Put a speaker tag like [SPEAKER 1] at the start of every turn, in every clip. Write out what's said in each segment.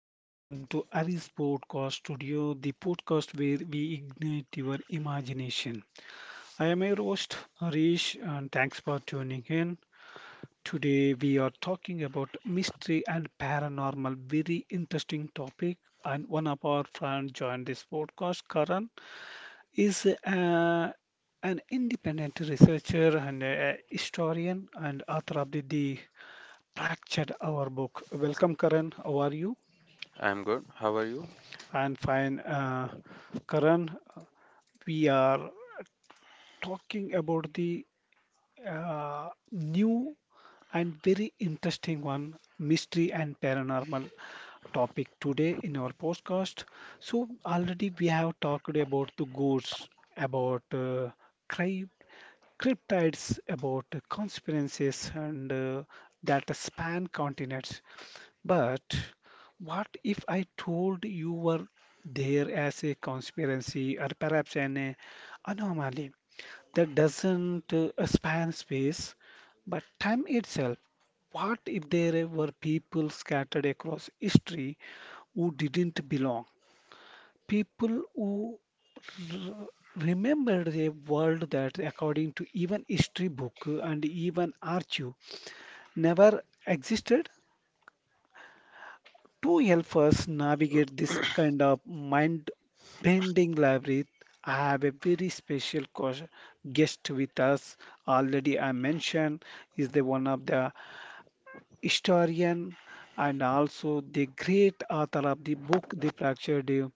[SPEAKER 1] welcome to Aris Podcast Studio, the podcast where we ignite your imagination. I am your host Harish and thanks for tuning in. Today we are talking about mystery and paranormal, very interesting topic. And one of our friends joined this podcast, Karan, is an independent researcher and a historian and author of the, Fractured Our book. Welcome, Karan. How are you?
[SPEAKER 2] I'm good. How are you?
[SPEAKER 1] I fine. Karan, we are talking about the new and very interesting one mystery and paranormal topic today in our podcast. So, already we have talked about the goods, about crypt, cryptids, about conspiracies, and that span continents. But what if I told you were there as a conspiracy or perhaps an anomaly that doesn't span space but time itself? What if there were people scattered across history who didn't belong? People who r- remembered a world that, according to even history book and even archive, never existed? To help us navigate this kind of mind-bending labyrinth, I have a very special guest with us already. I mentioned is the one of the historian, and also the great author of the book, The Fractured You.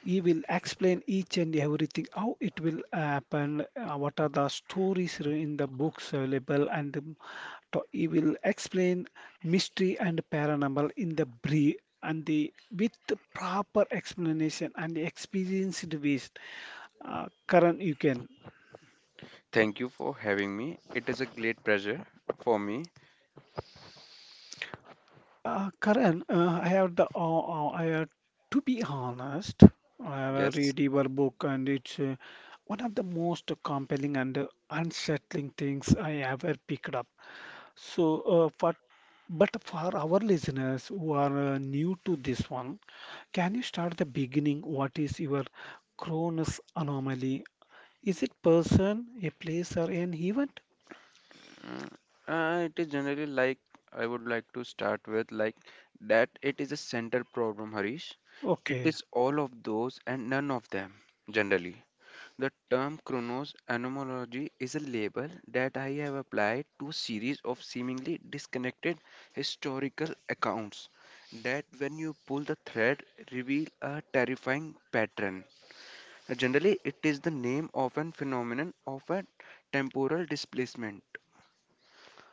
[SPEAKER 1] He will explain each and everything, how it will happen, what are the stories in the books available, and he will explain mystery and paranormal in the brief and the with the proper explanation and the experienced ways. Karan, you can.
[SPEAKER 2] Thank you for having me. It is a great pleasure for me.
[SPEAKER 1] Karan, I have, to be honest, I have
[SPEAKER 2] Yes.
[SPEAKER 1] read your book and it's one of the most compelling and unsettling things I ever picked up. So, but for our listeners who are new to this one, can you start the beginning? What is your Cronus anomaly? Is it person, a place, or an event?
[SPEAKER 2] Mm, it is generally like I would like to start with like that it is a center problem, Harish. It
[SPEAKER 1] Okay.
[SPEAKER 2] is all of those and none of them, generally. The term chronos anomaly is a label that I have applied to a series of seemingly disconnected historical accounts that when you pull the thread reveal a terrifying pattern. Generally, it is the name of a phenomenon of a temporal displacement.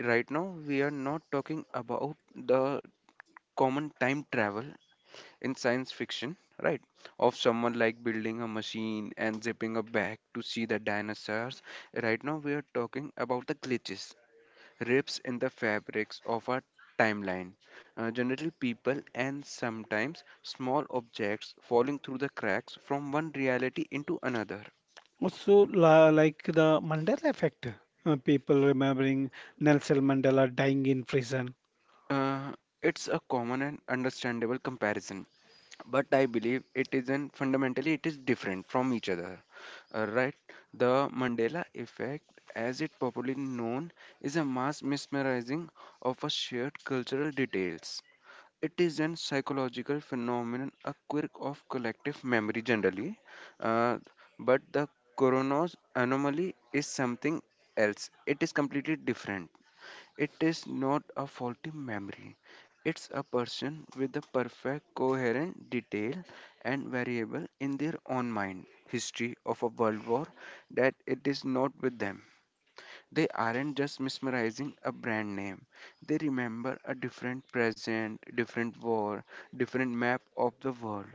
[SPEAKER 2] Right now, we are not talking about the common time travel in science fiction, right? Of someone like building a machine and zipping a bag to see the dinosaurs. Right now, we are talking about the glitches, rips in the fabrics of our timeline. Generally, people and sometimes small objects falling through the cracks from one reality into another.
[SPEAKER 1] Also, like the Mandela effect, people remembering Nelson Mandela dying in prison.
[SPEAKER 2] Uh, it's a common and understandable comparison, but I believe it isn't fundamentally it is different from each other. Right? The Mandela effect, as it popularly known, is a mass mesmerizing of a shared cultural details. It is an psychological phenomenon, a quirk of collective memory generally, uh, but the coroner's anomaly is something else. It is completely different. It is not a faulty memory. It's a person with a perfect, coherent detail and variable in their own mind history of a world war that it is not with them. They aren't just mesmerizing a brand name. They remember a different present, different war, different map of the world.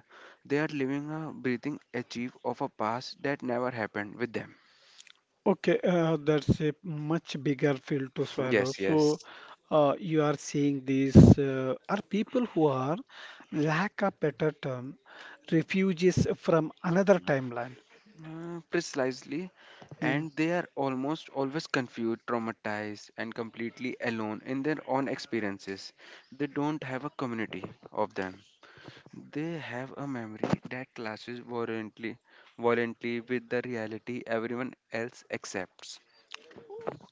[SPEAKER 2] They are living a breathing achieve of a past that never happened with them.
[SPEAKER 1] Okay, that's a much bigger pill to swallow.
[SPEAKER 2] Yes,
[SPEAKER 1] So,
[SPEAKER 2] yes.
[SPEAKER 1] you are seeing these are people who are, lack of better term, refugees from another timeline.
[SPEAKER 2] Precisely,
[SPEAKER 1] Hmm.
[SPEAKER 2] and they are almost always confused, traumatized, and completely alone in their own experiences. They don't have a community of them. They have a memory that clashes violently with the reality everyone else accepts.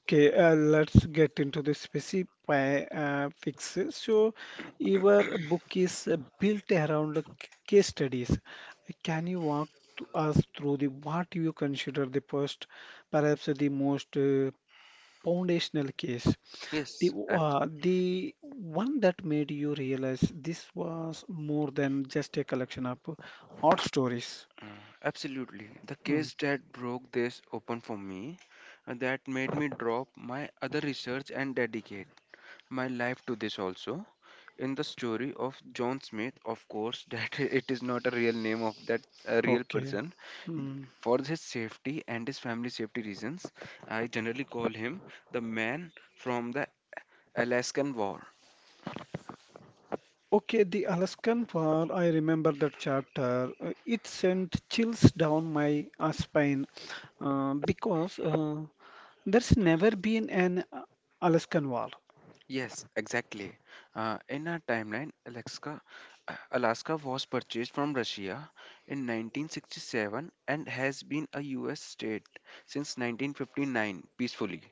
[SPEAKER 1] Okay, let's get into the specific fixes. So, your book is built around the case studies. Can you walk us through the what you consider the first, perhaps the most foundational case, the
[SPEAKER 2] Yes, abs-
[SPEAKER 1] the one that made you realize this was more than just a collection of odd stories?
[SPEAKER 2] absolutely. The
[SPEAKER 1] Mm,
[SPEAKER 2] case that broke this open for me, that made me drop my other research and dedicate my life to this also. In the story of John Smith, of course, that it is not a real name of that a real
[SPEAKER 1] okay.
[SPEAKER 2] person.
[SPEAKER 1] Hmm.
[SPEAKER 2] For his safety and his family safety reasons, I generally call him the man from the Alaskan War.
[SPEAKER 1] Okay, the Alaskan War, I remember that chapter. It sent chills down my spine because there's never been an Alaskan War.
[SPEAKER 2] Yes, exactly. In our timeline, Alaska was purchased from Russia in 1967 and has been a U.S. state since 1959 peacefully.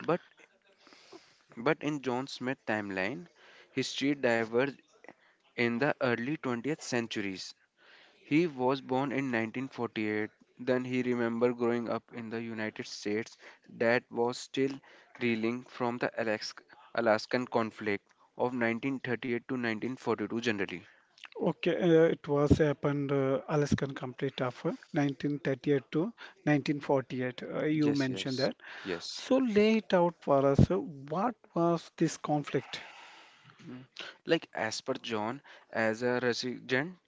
[SPEAKER 2] But But in John Smith's timeline, history diverged in the early 20th centuries. He was born in 1948. Then he remembered growing up in the United States that was still reeling from the Alaskan conflict of 1938 to 1942 generally.
[SPEAKER 1] Okay, it was happened Alaskan Complete of 1938 to 1948. You
[SPEAKER 2] Yes,
[SPEAKER 1] mentioned that.
[SPEAKER 2] yes, yes.
[SPEAKER 1] So lay it out for us. What was this conflict?
[SPEAKER 2] Mm. Like as per John, as a resident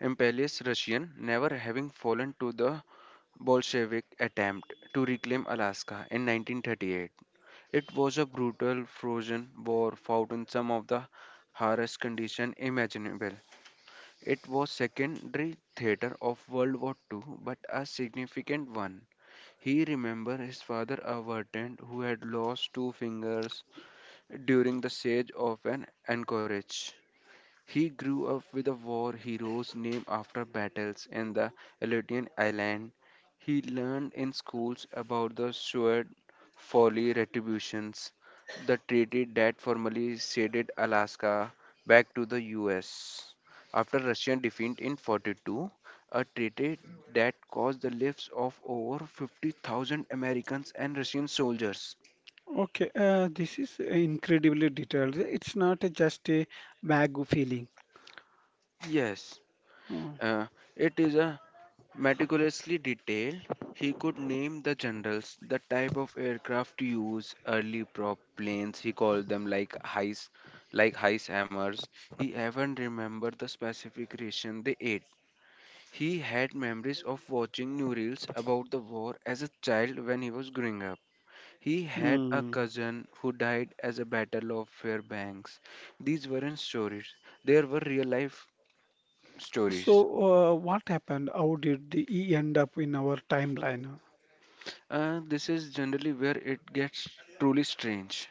[SPEAKER 2] imperialist Russian, never having fallen to the Bolshevik attempt to reclaim Alaska in 1938. It was a brutal frozen war fought in some of the harshest conditions imaginable. It was secondary theater of World War II, but a significant one. He remembered his father, a veteran who had lost two fingers during the siege of an Anchorage. He grew up with a war heroes named after battles in the Aleutian Island. He learned in schools about the sword folly retributions, the treaty that formally ceded Alaska back to the US. After Russian defeat in 42, a treaty that caused the lives of over 50,000 Americans and Russian soldiers.
[SPEAKER 1] Okay, this is incredibly detailed. It's not just a vague feeling.
[SPEAKER 2] Yes,
[SPEAKER 1] Uh,
[SPEAKER 2] uh, it is a meticulously detailed, he could name the generals, the type of aircraft used, early prop planes, he called them like heist hammers. He even remembered the specific ration they ate. He had memories of watching news about the war as a child when he was growing up. He had a
[SPEAKER 1] Hmm.
[SPEAKER 2] cousin who died as a Battle of Fairbanks. These weren't stories, they were real life stories.
[SPEAKER 1] So, what happened? He end up in our timeline?
[SPEAKER 2] This is generally where it gets truly strange.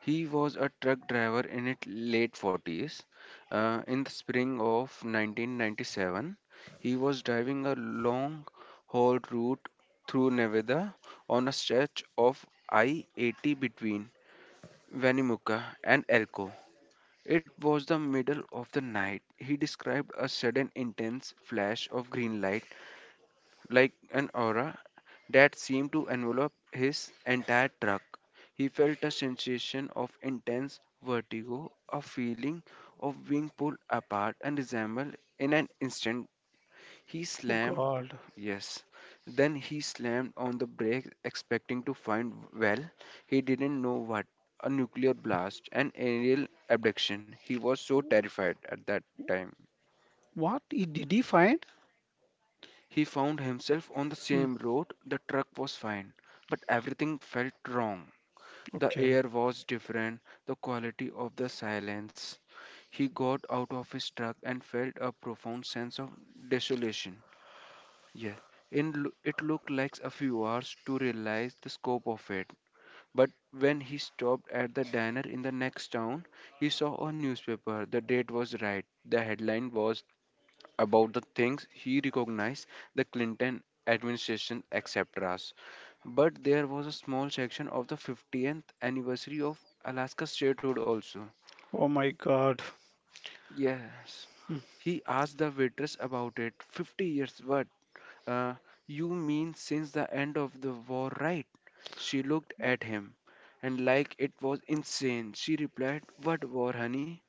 [SPEAKER 2] He was a truck driver in his late 40s. In the spring of 1997, he was driving a long haul route through Nevada on a stretch of I 80 between Winnemucca and Elko. It was the middle of the night. He described a sudden intense flash of green light like an aura that seemed to envelop his entire truck. He felt a sensation of intense vertigo, a feeling of being pulled apart and resembled in an instant. He
[SPEAKER 1] Oh
[SPEAKER 2] slammed,
[SPEAKER 1] God,
[SPEAKER 2] yes, then he slammed on the brakes, expecting to find, well, he didn't know what, a nuclear blast, an aerial abduction. He was so terrified at that time.
[SPEAKER 1] what he did he find?
[SPEAKER 2] He found himself on the
[SPEAKER 1] Hmm.
[SPEAKER 2] same road. The truck was fine, but everything felt wrong. The
[SPEAKER 1] Okay.
[SPEAKER 2] air was different, the quality of the silence. He got out of his truck and felt a profound sense of desolation. Yeah, it looked like a few hours to realize the scope of it. But when he stopped at the diner in the next town, he saw a newspaper. The date was right. The headline was about the things he recognized, the Clinton administration, etc. But there was a small section of the 50th anniversary of Alaska statehood also.
[SPEAKER 1] Oh my God.
[SPEAKER 2] Yes. He asked the waitress about it. 50 years, what? Uh, you mean since the end of the war, right? She looked at him, and like it was insane, she replied, "What war, honey?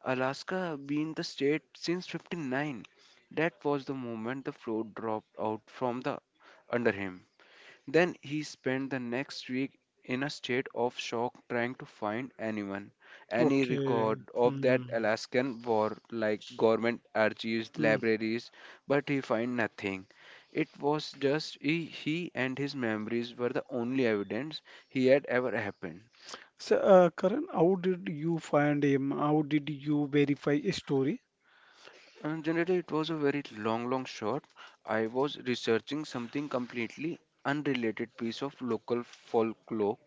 [SPEAKER 2] Alaska been the state since 59." That was the moment the float dropped out from the under him. Then he spent the next week in a state of shock trying to find anyone, any record
[SPEAKER 1] Okay.
[SPEAKER 2] of that
[SPEAKER 1] Hmm.
[SPEAKER 2] Alaskan war, like government archives,
[SPEAKER 1] Hmm.
[SPEAKER 2] libraries, but he found nothing. It was just he and his memories were the only evidence he had ever happened.
[SPEAKER 1] So, Karan, how did you find him? How did you verify his story?
[SPEAKER 2] And generally, it was a very long shot. I was researching something completely unrelated piece of local folklore,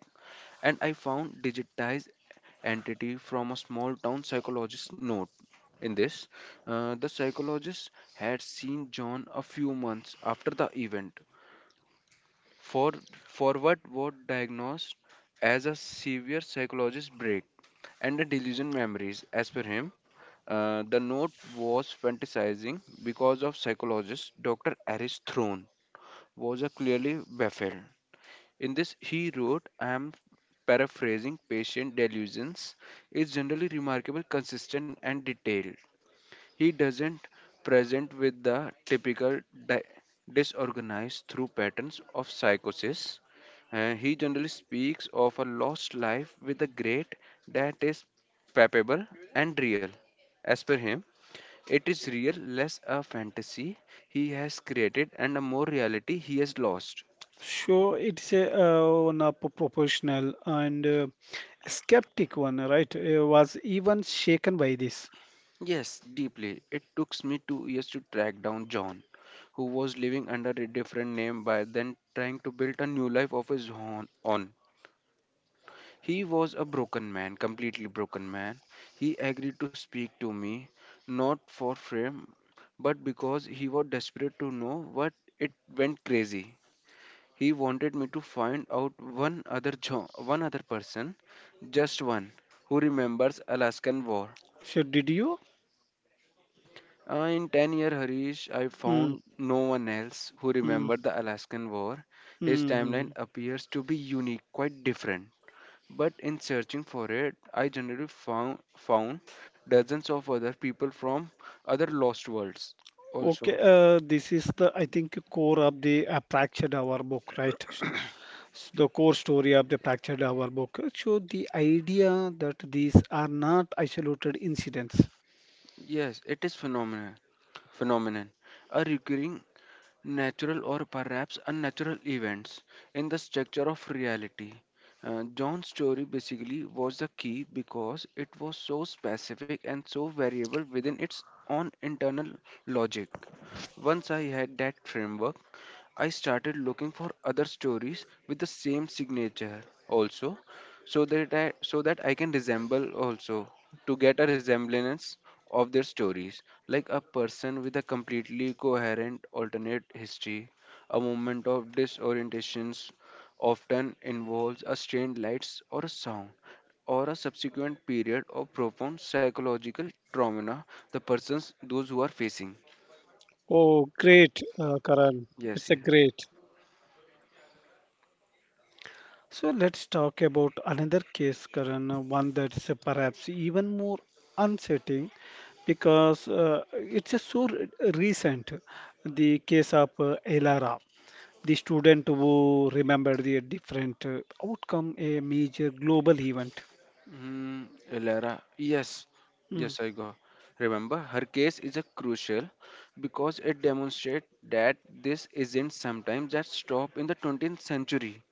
[SPEAKER 2] and I found digitized entity from a small town psychologist note. In this, the psychologist had seen John a few months after the event, for forward was diagnosed as a severe psychologist break and a delusion memories. As per him, the note was fantasizing because of psychologist Dr. Aris Throne was a clearly baffled. In this, he wrote, "I am paraphrasing patient delusions is generally remarkable, consistent, and detailed. He doesn't present with the typical di- disorganized through patterns of psychosis. He generally speaks of a lost life with a great that is palpable and real. As per him, it is real, less a fantasy he has created and a more reality he has lost."
[SPEAKER 1] So it's a one up proportional and skeptic one, right? Was even shaken by this.
[SPEAKER 2] Yes, deeply. It took me 2 years to track down John, who was living under a different name by then trying to build a new life of his own. On. He was a broken man, completely broken man. He agreed to speak to me, not for fame, but because he was desperate to know what it went crazy. He wanted me to find out one other person, just one, who remembers Alaskan War.
[SPEAKER 1] So did you?
[SPEAKER 2] In 10-year Harish, I
[SPEAKER 1] Mm,
[SPEAKER 2] found no one else who
[SPEAKER 1] mm,
[SPEAKER 2] remembered the Alaskan War. His timeline
[SPEAKER 1] mm.
[SPEAKER 2] appears to be unique, quite different. But in searching for it, I generally found dozens of other people from other lost worlds
[SPEAKER 1] Okay,
[SPEAKER 2] also.
[SPEAKER 1] this is the I think core of the Fractured Hour book, right? So so the core story of the Fractured Hour book. So the idea that these are not isolated incidents.
[SPEAKER 2] Yes, it is phenomenon. A recurring natural or perhaps unnatural events in the structure of reality. John's story basically was the key because it was so specific and so variable within its own internal logic. Once I had that framework, I started looking for other stories with the same signature also so that I can resemble also to get a resemblance of their stories, like a person with a completely coherent alternate history, a moment of disorientations often involves a strained lights or a sound or a subsequent period of profound psychological trauma the persons those who are facing.
[SPEAKER 1] Oh, great, Karan.
[SPEAKER 2] Yes,
[SPEAKER 1] It's a
[SPEAKER 2] yes.
[SPEAKER 1] great. So let's talk about another case, Karan, one that's perhaps even more unsettling because it's a so recent, the case of Elara. The student who remembered the different outcome a major global event.
[SPEAKER 2] Mm, Lara, yes,
[SPEAKER 1] Mm.
[SPEAKER 2] yes, I go. Remember, her case is a crucial because it demonstrates that this isn't sometimes that stop in the 20th century.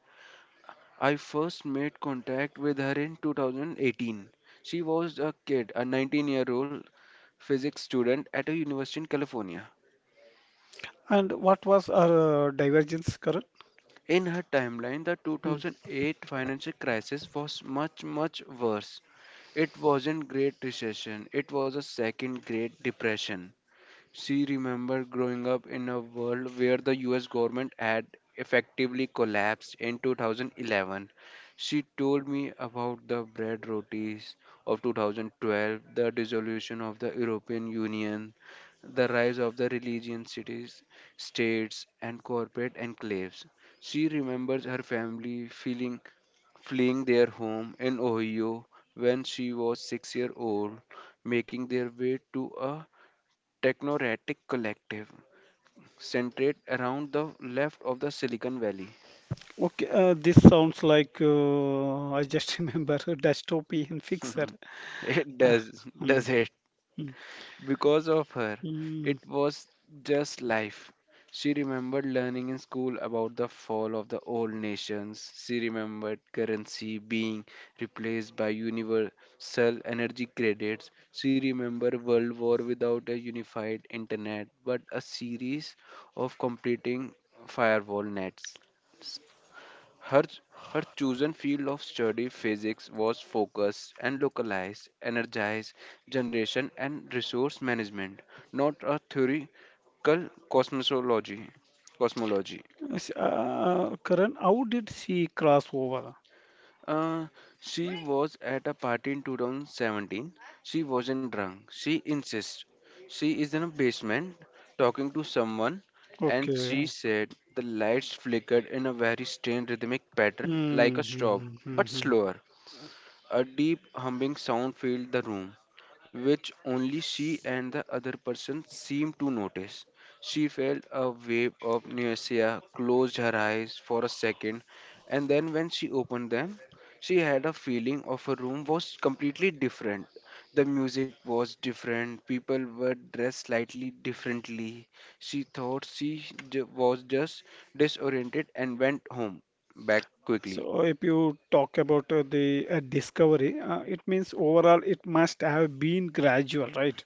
[SPEAKER 2] I first made contact with her in 2018. She was a kid, a 19-year-old physics student at a university in California.
[SPEAKER 1] And what was our divergence current?
[SPEAKER 2] In her timeline, the 2008 financial crisis was much worse. It wasn't Great Recession, it was a second Great Depression. She remembered growing up in a world where the US government had effectively collapsed in 2011. She told me about the bread rotis of 2012, the dissolution of the European Union, the rise of the religion cities, states, and corporate enclaves. She remembers her family feeling fleeing their home in Ohio when she was 6 years old, making their way to a technocratic collective centered around the left of the Silicon Valley.
[SPEAKER 1] Okay, this sounds like I just remember a dystopian fixer.
[SPEAKER 2] It
[SPEAKER 1] Ah, mm,
[SPEAKER 2] does it?
[SPEAKER 1] mm,
[SPEAKER 2] Because of her, it
[SPEAKER 1] mm.
[SPEAKER 2] was just life. She remembered learning in school about the fall of the old nations. She remembered currency being replaced by universal energy credits. She remembered World War without a unified internet, but a series of competing firewall nets. Her, her chosen field of study, physics, was focused and localized, energized generation and resource management, not a theoretical cosmology. cosmology.
[SPEAKER 1] Yes, karan how did she cross over?
[SPEAKER 2] Uh, she was at a party in 2017. She wasn't drunk. She insists. She is in a basement talking to someone, and she
[SPEAKER 1] Okay.
[SPEAKER 2] said the lights flickered in a very strange rhythmic pattern like a
[SPEAKER 1] Mm,
[SPEAKER 2] strobe,
[SPEAKER 1] mm, mm,
[SPEAKER 2] but
[SPEAKER 1] mm.
[SPEAKER 2] slower. A deep humming sound filled the room, which only she and the other person seemed to notice. She felt a wave of nausea, closed her eyes for a second, and then when she opened them, she had a feeling of her room was completely different. The music was different, people were dressed slightly differently. She thought she was just disoriented and went home back quickly.
[SPEAKER 1] So if you talk about the discovery, it means overall it must have been gradual, right?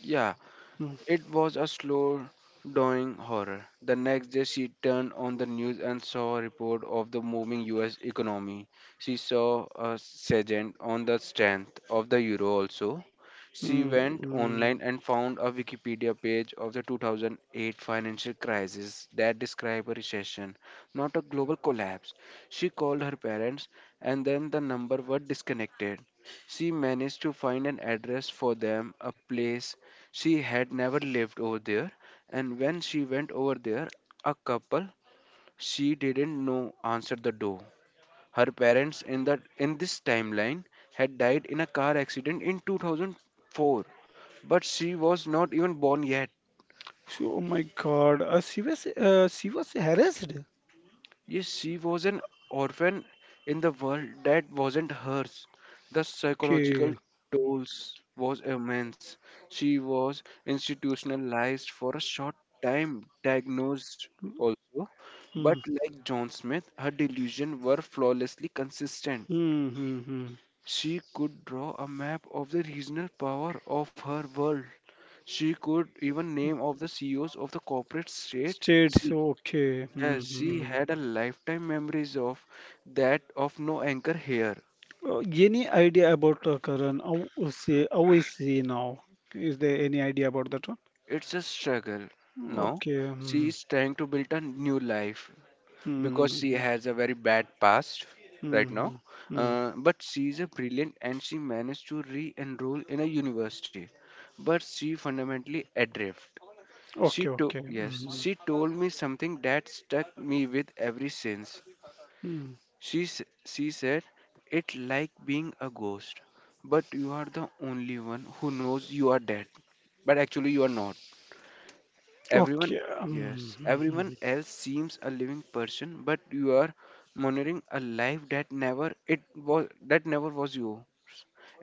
[SPEAKER 2] Yeah.
[SPEAKER 1] Mm,
[SPEAKER 2] It was a slow doing horror. The next day, she turned on the news and saw a report of the moving US economy. She saw a sergeant on the strength of the euro also. She
[SPEAKER 1] mm,
[SPEAKER 2] went
[SPEAKER 1] mm.
[SPEAKER 2] online and found a Wikipedia page of the 2008 financial crisis that described a recession, not a global collapse. She called her parents, and then the number were disconnected. She managed to find an address for them, a place she had never lived over there, and when she went over there, a couple she didn't know answered the door. Her parents in this timeline had died in a car accident in 2004, but she was not even born yet.
[SPEAKER 1] So, oh my God, she was harassed.
[SPEAKER 2] Yes, she was an orphan in the world that wasn't hers. The psychological
[SPEAKER 1] Okay.
[SPEAKER 2] tolls was immense. She was institutionalized for a short time, diagnosed
[SPEAKER 1] Mm,
[SPEAKER 2] also, but
[SPEAKER 1] mm,
[SPEAKER 2] like John Smith, her delusions were flawlessly consistent.
[SPEAKER 1] mm, mm.
[SPEAKER 2] She could draw a map of the regional power of her world. She could even name of the CEOs of the corporate state.
[SPEAKER 1] States.
[SPEAKER 2] She
[SPEAKER 1] Okay.
[SPEAKER 2] yeah,
[SPEAKER 1] Mm,
[SPEAKER 2] she
[SPEAKER 1] mm.
[SPEAKER 2] had a lifetime memories of that of no anchor here.
[SPEAKER 1] Any idea about Karan? How is he now? Is there any idea about that one?
[SPEAKER 2] It's a struggle. Now
[SPEAKER 1] Okay.
[SPEAKER 2] she
[SPEAKER 1] Mm,
[SPEAKER 2] is trying to build a new life because she
[SPEAKER 1] mm,
[SPEAKER 2] has a very bad past right now.
[SPEAKER 1] mm, mm.
[SPEAKER 2] But she is a brilliant and she managed to re-enroll in a university. But she fundamentally adrift.
[SPEAKER 1] Okay. Okay. Mm,
[SPEAKER 2] She told me something that stuck me with every since.
[SPEAKER 1] mm.
[SPEAKER 2] She said, It like being a ghost, but you are the only one who knows you are dead. But actually, you are not. Everyone,
[SPEAKER 1] Okay. Mm,
[SPEAKER 2] yes, everyone
[SPEAKER 1] mm.
[SPEAKER 2] else seems a living person, but you are monitoring a life that never it was that never was you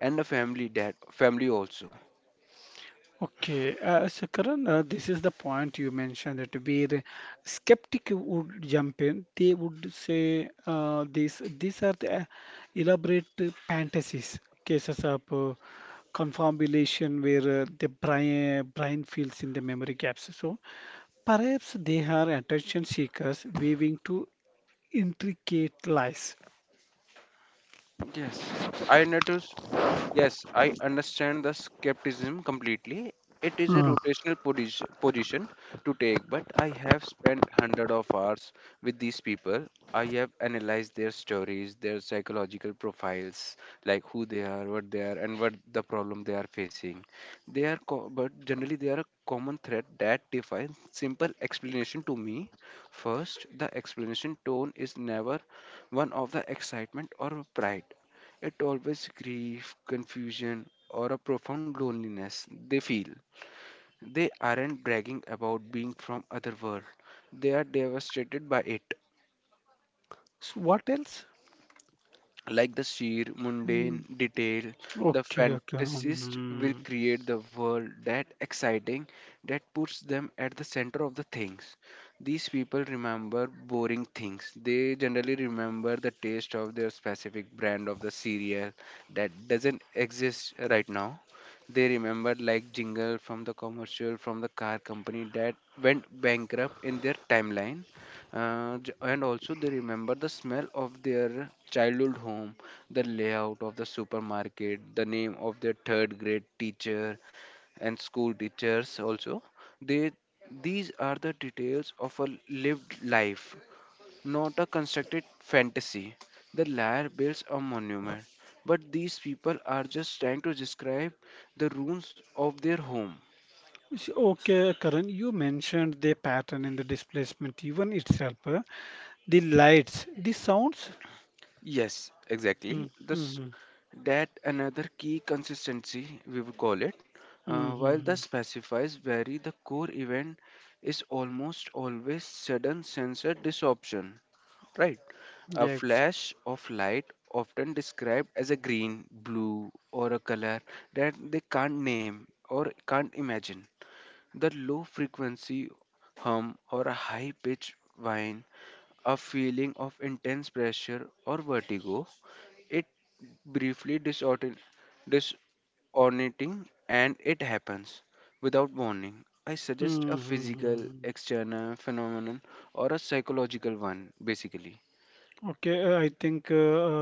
[SPEAKER 2] and a family that family also.
[SPEAKER 1] Okay, so Karan, this is the point you mentioned that where a skeptic would jump in. They would say this. These are the elaborate fantasies, cases of confabulation where brain fills in the memory gaps. So perhaps they are attention seekers weaving to intricate lies.
[SPEAKER 2] Yes, I notice. Yes, I understand the skepticism completely. It is a
[SPEAKER 1] Mm.
[SPEAKER 2] rotational posi- position to take, but I have spent hundred of hours with these people. I have analyzed their stories, their psychological profiles, like who they are, what they are, and what the problem they are facing. But generally they are a common thread that defines simple explanation to me. First, the explanation tone is never one of the excitement or pride it always grief, confusion, or a profound loneliness they feel. They aren't bragging about being from other world. They are devastated by it.
[SPEAKER 1] So what else?
[SPEAKER 2] Like the sheer mundane
[SPEAKER 1] Mm.
[SPEAKER 2] detail, the
[SPEAKER 1] Okay, okay.
[SPEAKER 2] fantasist will
[SPEAKER 1] Hmm.
[SPEAKER 2] create the world that exciting that puts them at the center of the things. These people remember boring things. They generally remember the taste of their specific brand of the cereal that doesn't exist right now. They remember like jingle from the commercial from the car company that went bankrupt in their timeline. And also they remember the smell of their childhood home, the layout of the supermarket, the name of their third grade teacher, and school teachers also. They, these are the details of a lived life, not a constructed fantasy. The liar builds a monument, but these people are just trying to describe the ruins of their home.
[SPEAKER 1] Okay, Karan, you mentioned the pattern in the displacement even itself, the lights, the sounds.
[SPEAKER 2] Yes, exactly. This
[SPEAKER 1] Mm-hmm.
[SPEAKER 2] that another key consistency we would call it. While the
[SPEAKER 1] Hmm.
[SPEAKER 2] specifies vary, the core event is almost always sudden sensor disruption. Right. A
[SPEAKER 1] Yes.
[SPEAKER 2] flash of light, often described as a green, blue, or a color that they can't name or can't imagine. The low frequency hum or a high pitch whine, a feeling of intense pressure or vertigo, it briefly disorienting and it happens without warning. I suggest a physical
[SPEAKER 1] Mm-hmm.
[SPEAKER 2] external phenomenon or a psychological one basically.
[SPEAKER 1] Okay, I think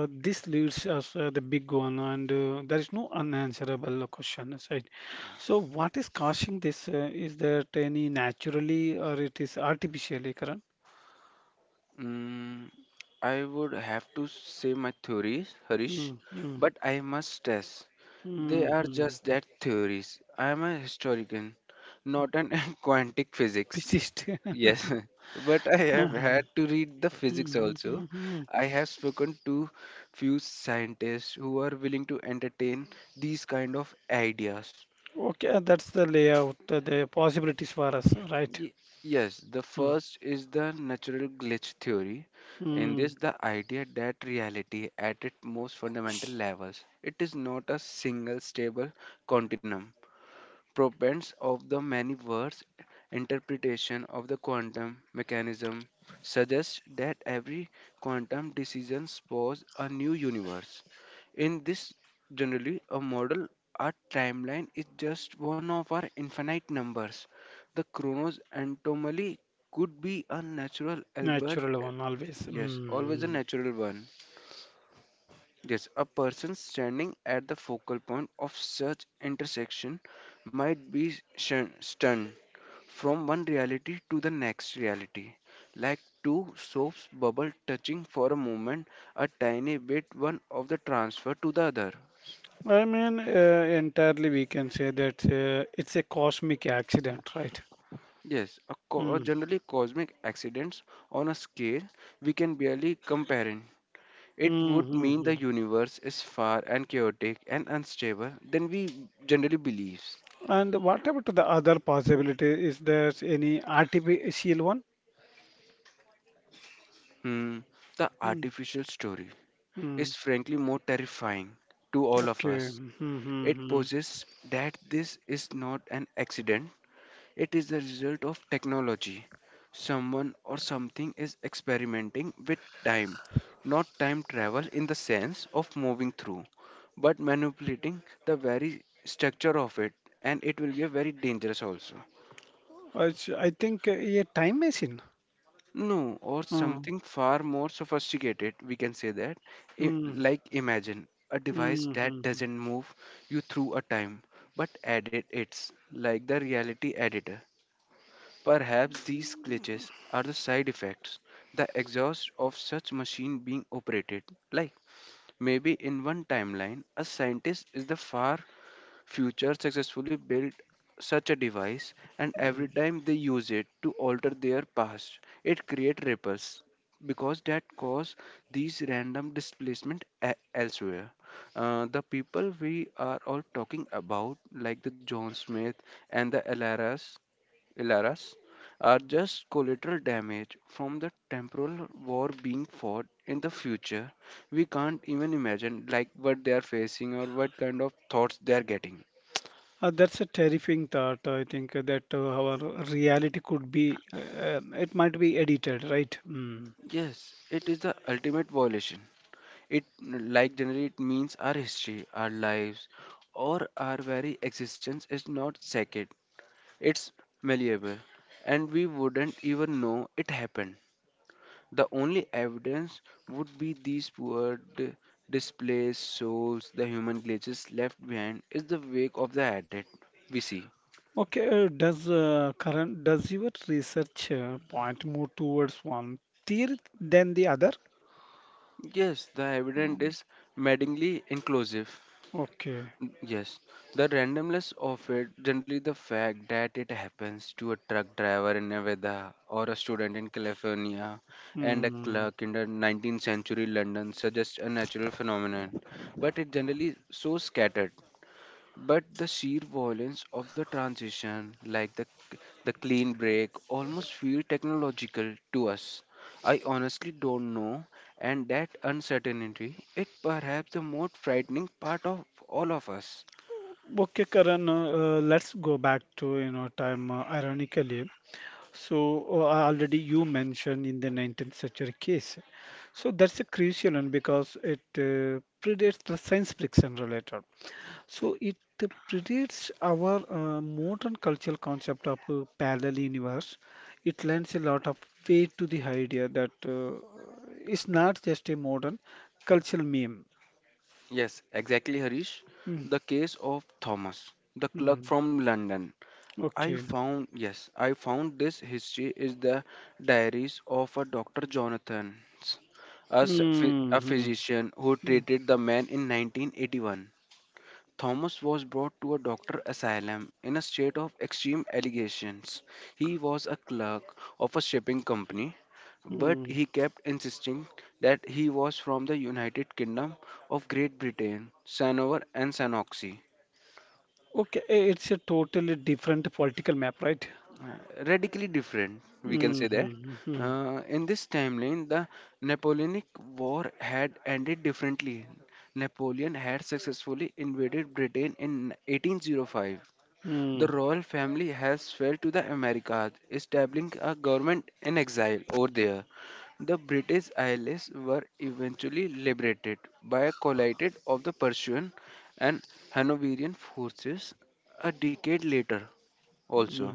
[SPEAKER 1] this leads us the big one, and there is no unanswerable question, right? So, what is causing this? Is that any naturally or it is artificially, Karan?
[SPEAKER 2] Mm, I would have to say my theories, Harish,
[SPEAKER 1] Mm-hmm.
[SPEAKER 2] but I must stress they are
[SPEAKER 1] Mm-hmm.
[SPEAKER 2] just that theories. I am a historian, not an quantic physics.
[SPEAKER 1] Persist.
[SPEAKER 2] Yes, but I have
[SPEAKER 1] Uh-huh.
[SPEAKER 2] had to read the physics
[SPEAKER 1] Mhm,
[SPEAKER 2] also.
[SPEAKER 1] mhm.
[SPEAKER 2] I have spoken to few scientists who are willing to entertain these kind of ideas.
[SPEAKER 1] Okay, that's the layout, the possibilities for us, right?
[SPEAKER 2] Ye- Yes, the
[SPEAKER 1] Mm.
[SPEAKER 2] first is the natural glitch theory. In
[SPEAKER 1] Mm.
[SPEAKER 2] this, the idea that reality, at its most fundamental levels, it is not a single stable continuum. Proponents of the many-verse interpretation of the quantum mechanism suggest that every quantum decision spawns a new universe. In this generally a model a timeline is just one of our infinite numbers. The Kronos anomaly could be a natural Albert
[SPEAKER 1] Natural one always.
[SPEAKER 2] yes, always a
[SPEAKER 1] Mm.
[SPEAKER 2] natural one. Yes, a person standing at the focal point of such intersection might be stunned from one reality to the next reality, like two soaps bubble touching for a moment, a tiny bit one of the transfer to the other.
[SPEAKER 1] I mean, entirely we can say that it's a cosmic accident, right?
[SPEAKER 2] Yes, a
[SPEAKER 1] Mm.
[SPEAKER 2] generally cosmic accidents on a scale we can barely compare. In. It would mean the
[SPEAKER 1] Mm-hmm.
[SPEAKER 2] universe is far and chaotic and unstable than we generally believe.
[SPEAKER 1] And what about the other possibility? Is there any artificial one?
[SPEAKER 2] Hmm, the
[SPEAKER 1] Mm.
[SPEAKER 2] artificial story
[SPEAKER 1] Mm.
[SPEAKER 2] is frankly more terrifying to all of
[SPEAKER 1] Okay.
[SPEAKER 2] us. It
[SPEAKER 1] Mm-hmm.
[SPEAKER 2] poses that this is not an accident, it is the result of technology. Someone or something is experimenting with time, not time travel in the sense of moving through, but manipulating the very structure of it, and it will be a very dangerous also.
[SPEAKER 1] I think a time machine.
[SPEAKER 2] No, or
[SPEAKER 1] Mm.
[SPEAKER 2] something far more sophisticated, we can say that. I-
[SPEAKER 1] Mm.
[SPEAKER 2] Like imagine a device that
[SPEAKER 1] Mm-hmm.
[SPEAKER 2] doesn't move you through a time, but edit it's like the reality editor. Perhaps these glitches are the side effects, the exhaust of such machine being operated. Like maybe in one timeline, a scientist is the far Future successfully built such a device, and every time they use it to alter their past, it creates ripples because that cause these random displacement elsewhere. The people we are all talking about, like the John Smith and the Ilaras, are just collateral damage from the temporal war being fought in the future. We can't even imagine like what they are facing or what kind of thoughts they are getting.
[SPEAKER 1] That's a terrifying thought. I think that our reality could be, it might be edited, right? Mm.
[SPEAKER 2] Yes, it is the ultimate violation. It, like generally, it means our history, our lives, or our very existence is not sacred. It's malleable, and we wouldn't even know it happened. The only evidence would be these poor, d- displaced souls, the human glitches left behind is the wake of the added we see.
[SPEAKER 1] Okay, does current, does your research point more towards one theory than the other?
[SPEAKER 2] Yes, the evidence
[SPEAKER 1] Mm.
[SPEAKER 2] is maddeningly inclusive.
[SPEAKER 1] Okay.
[SPEAKER 2] Yes, the randomness of it, generally the fact that it happens to a truck driver in Nevada or a student in California and a
[SPEAKER 1] Hmm.
[SPEAKER 2] clerk in the 19th century London suggests a natural phenomenon, but it generally so scattered. But the sheer violence of the transition, like the clean break, almost feel technological to us. I honestly don't know, and that uncertainty, it perhaps the most frightening part of all of us.
[SPEAKER 1] Okay, Karan, let's go back to, you know, time ironically. So already you mentioned in the 19th century case. So that's a crucial one because it predates the science fiction related. So it predates our modern cultural concept of parallel universe. It lends a lot of weight to the idea that it's not just a modern cultural meme.
[SPEAKER 2] Yes, exactly, Harish.
[SPEAKER 1] Mm,
[SPEAKER 2] The case of Thomas, the clerk
[SPEAKER 1] mm,
[SPEAKER 2] from London.
[SPEAKER 1] okay.
[SPEAKER 2] I found this history is the diaries of a Dr. Jonathan, a, s- phy-
[SPEAKER 1] Hmm.
[SPEAKER 2] a
[SPEAKER 1] Hmm,
[SPEAKER 2] physician who
[SPEAKER 1] hmm,
[SPEAKER 2] treated the man in 1981. Thomas was brought to a doctor asylum in a state of extreme allegations. He was a clerk of a shipping company, but
[SPEAKER 1] hmm.
[SPEAKER 2] he kept insisting that he was from the United Kingdom of Great Britain, Sanover and Sanoxi.
[SPEAKER 1] Okay, it's a totally different political map, right?
[SPEAKER 2] Radically different, we can say that. In this timeline, the Napoleonic War had ended differently. Napoleon had successfully invaded Britain in 1805. The
[SPEAKER 1] Mm-hmm.
[SPEAKER 2] royal family has fled to the Americas, establishing a government in exile over there. The British Isles were eventually liberated by a collide of the Prussian and Hanoverian forces a decade later also.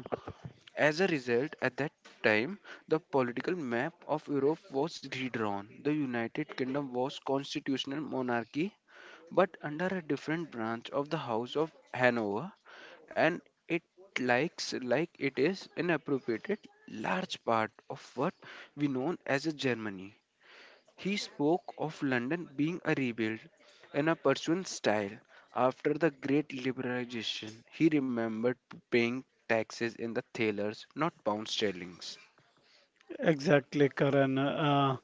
[SPEAKER 2] As a result, at that time, the political map of Europe was redrawn. The United Kingdom was constitutional monarchy but under a different branch of the House of Hanover, and it likes like it is inappropriated large part of what we know as a Germany. He spoke of London being a rebuild in a pursuant style after the Great Liberalization. He remembered paying taxes in the thalers, not pound sterlings.
[SPEAKER 1] Exactly, Karan.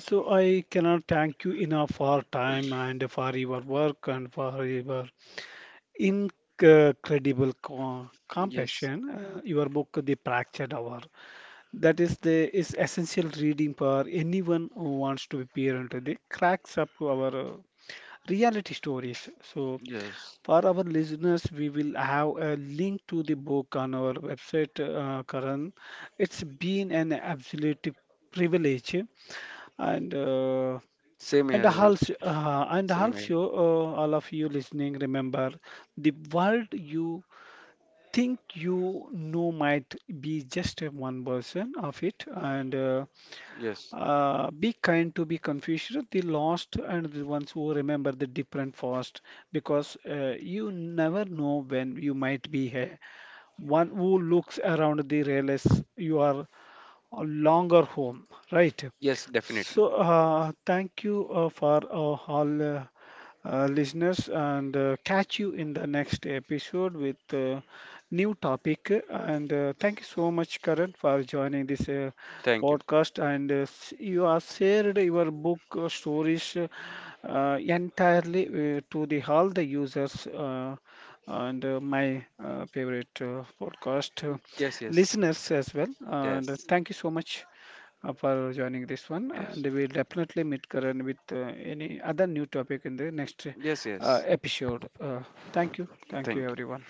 [SPEAKER 1] So I cannot thank you enough for time and for your work and for your incredible co
[SPEAKER 2] Yes,
[SPEAKER 1] compassion. Your book, The Fractured Hour, that is the is essential reading for anyone who wants to peer into the cracks of our reality stories. So,
[SPEAKER 2] yes.
[SPEAKER 1] for our listeners, we will have a link to the book on our website, Karan. It's been an absolute privilege, and uh,
[SPEAKER 2] Same here, Harish.
[SPEAKER 1] and
[SPEAKER 2] Same here.
[SPEAKER 1] also, all of you listening, remember the world you think you know might be just a one person of it and
[SPEAKER 2] Yes,
[SPEAKER 1] be kind to be confused the lost and the ones who remember the different fast because you never know when you might be here one who looks around the realize you are a longer home, right?
[SPEAKER 2] yes, definitely.
[SPEAKER 1] So, thank you for all listeners, and catch you in the next episode with new topic. And thank you so much, Karan, for joining this
[SPEAKER 2] Thank you.
[SPEAKER 1] podcast. And you have shared your book stories entirely to the all the users. And my favorite podcast
[SPEAKER 2] Yes, yes.
[SPEAKER 1] listeners as well. And
[SPEAKER 2] Yes,
[SPEAKER 1] thank you so much for joining this one.
[SPEAKER 2] yes,
[SPEAKER 1] And we'll definitely meet Karan with any other new topic in the next
[SPEAKER 2] yes, yes.
[SPEAKER 1] episode. Thank you. Thank you,
[SPEAKER 2] Thank
[SPEAKER 1] everyone.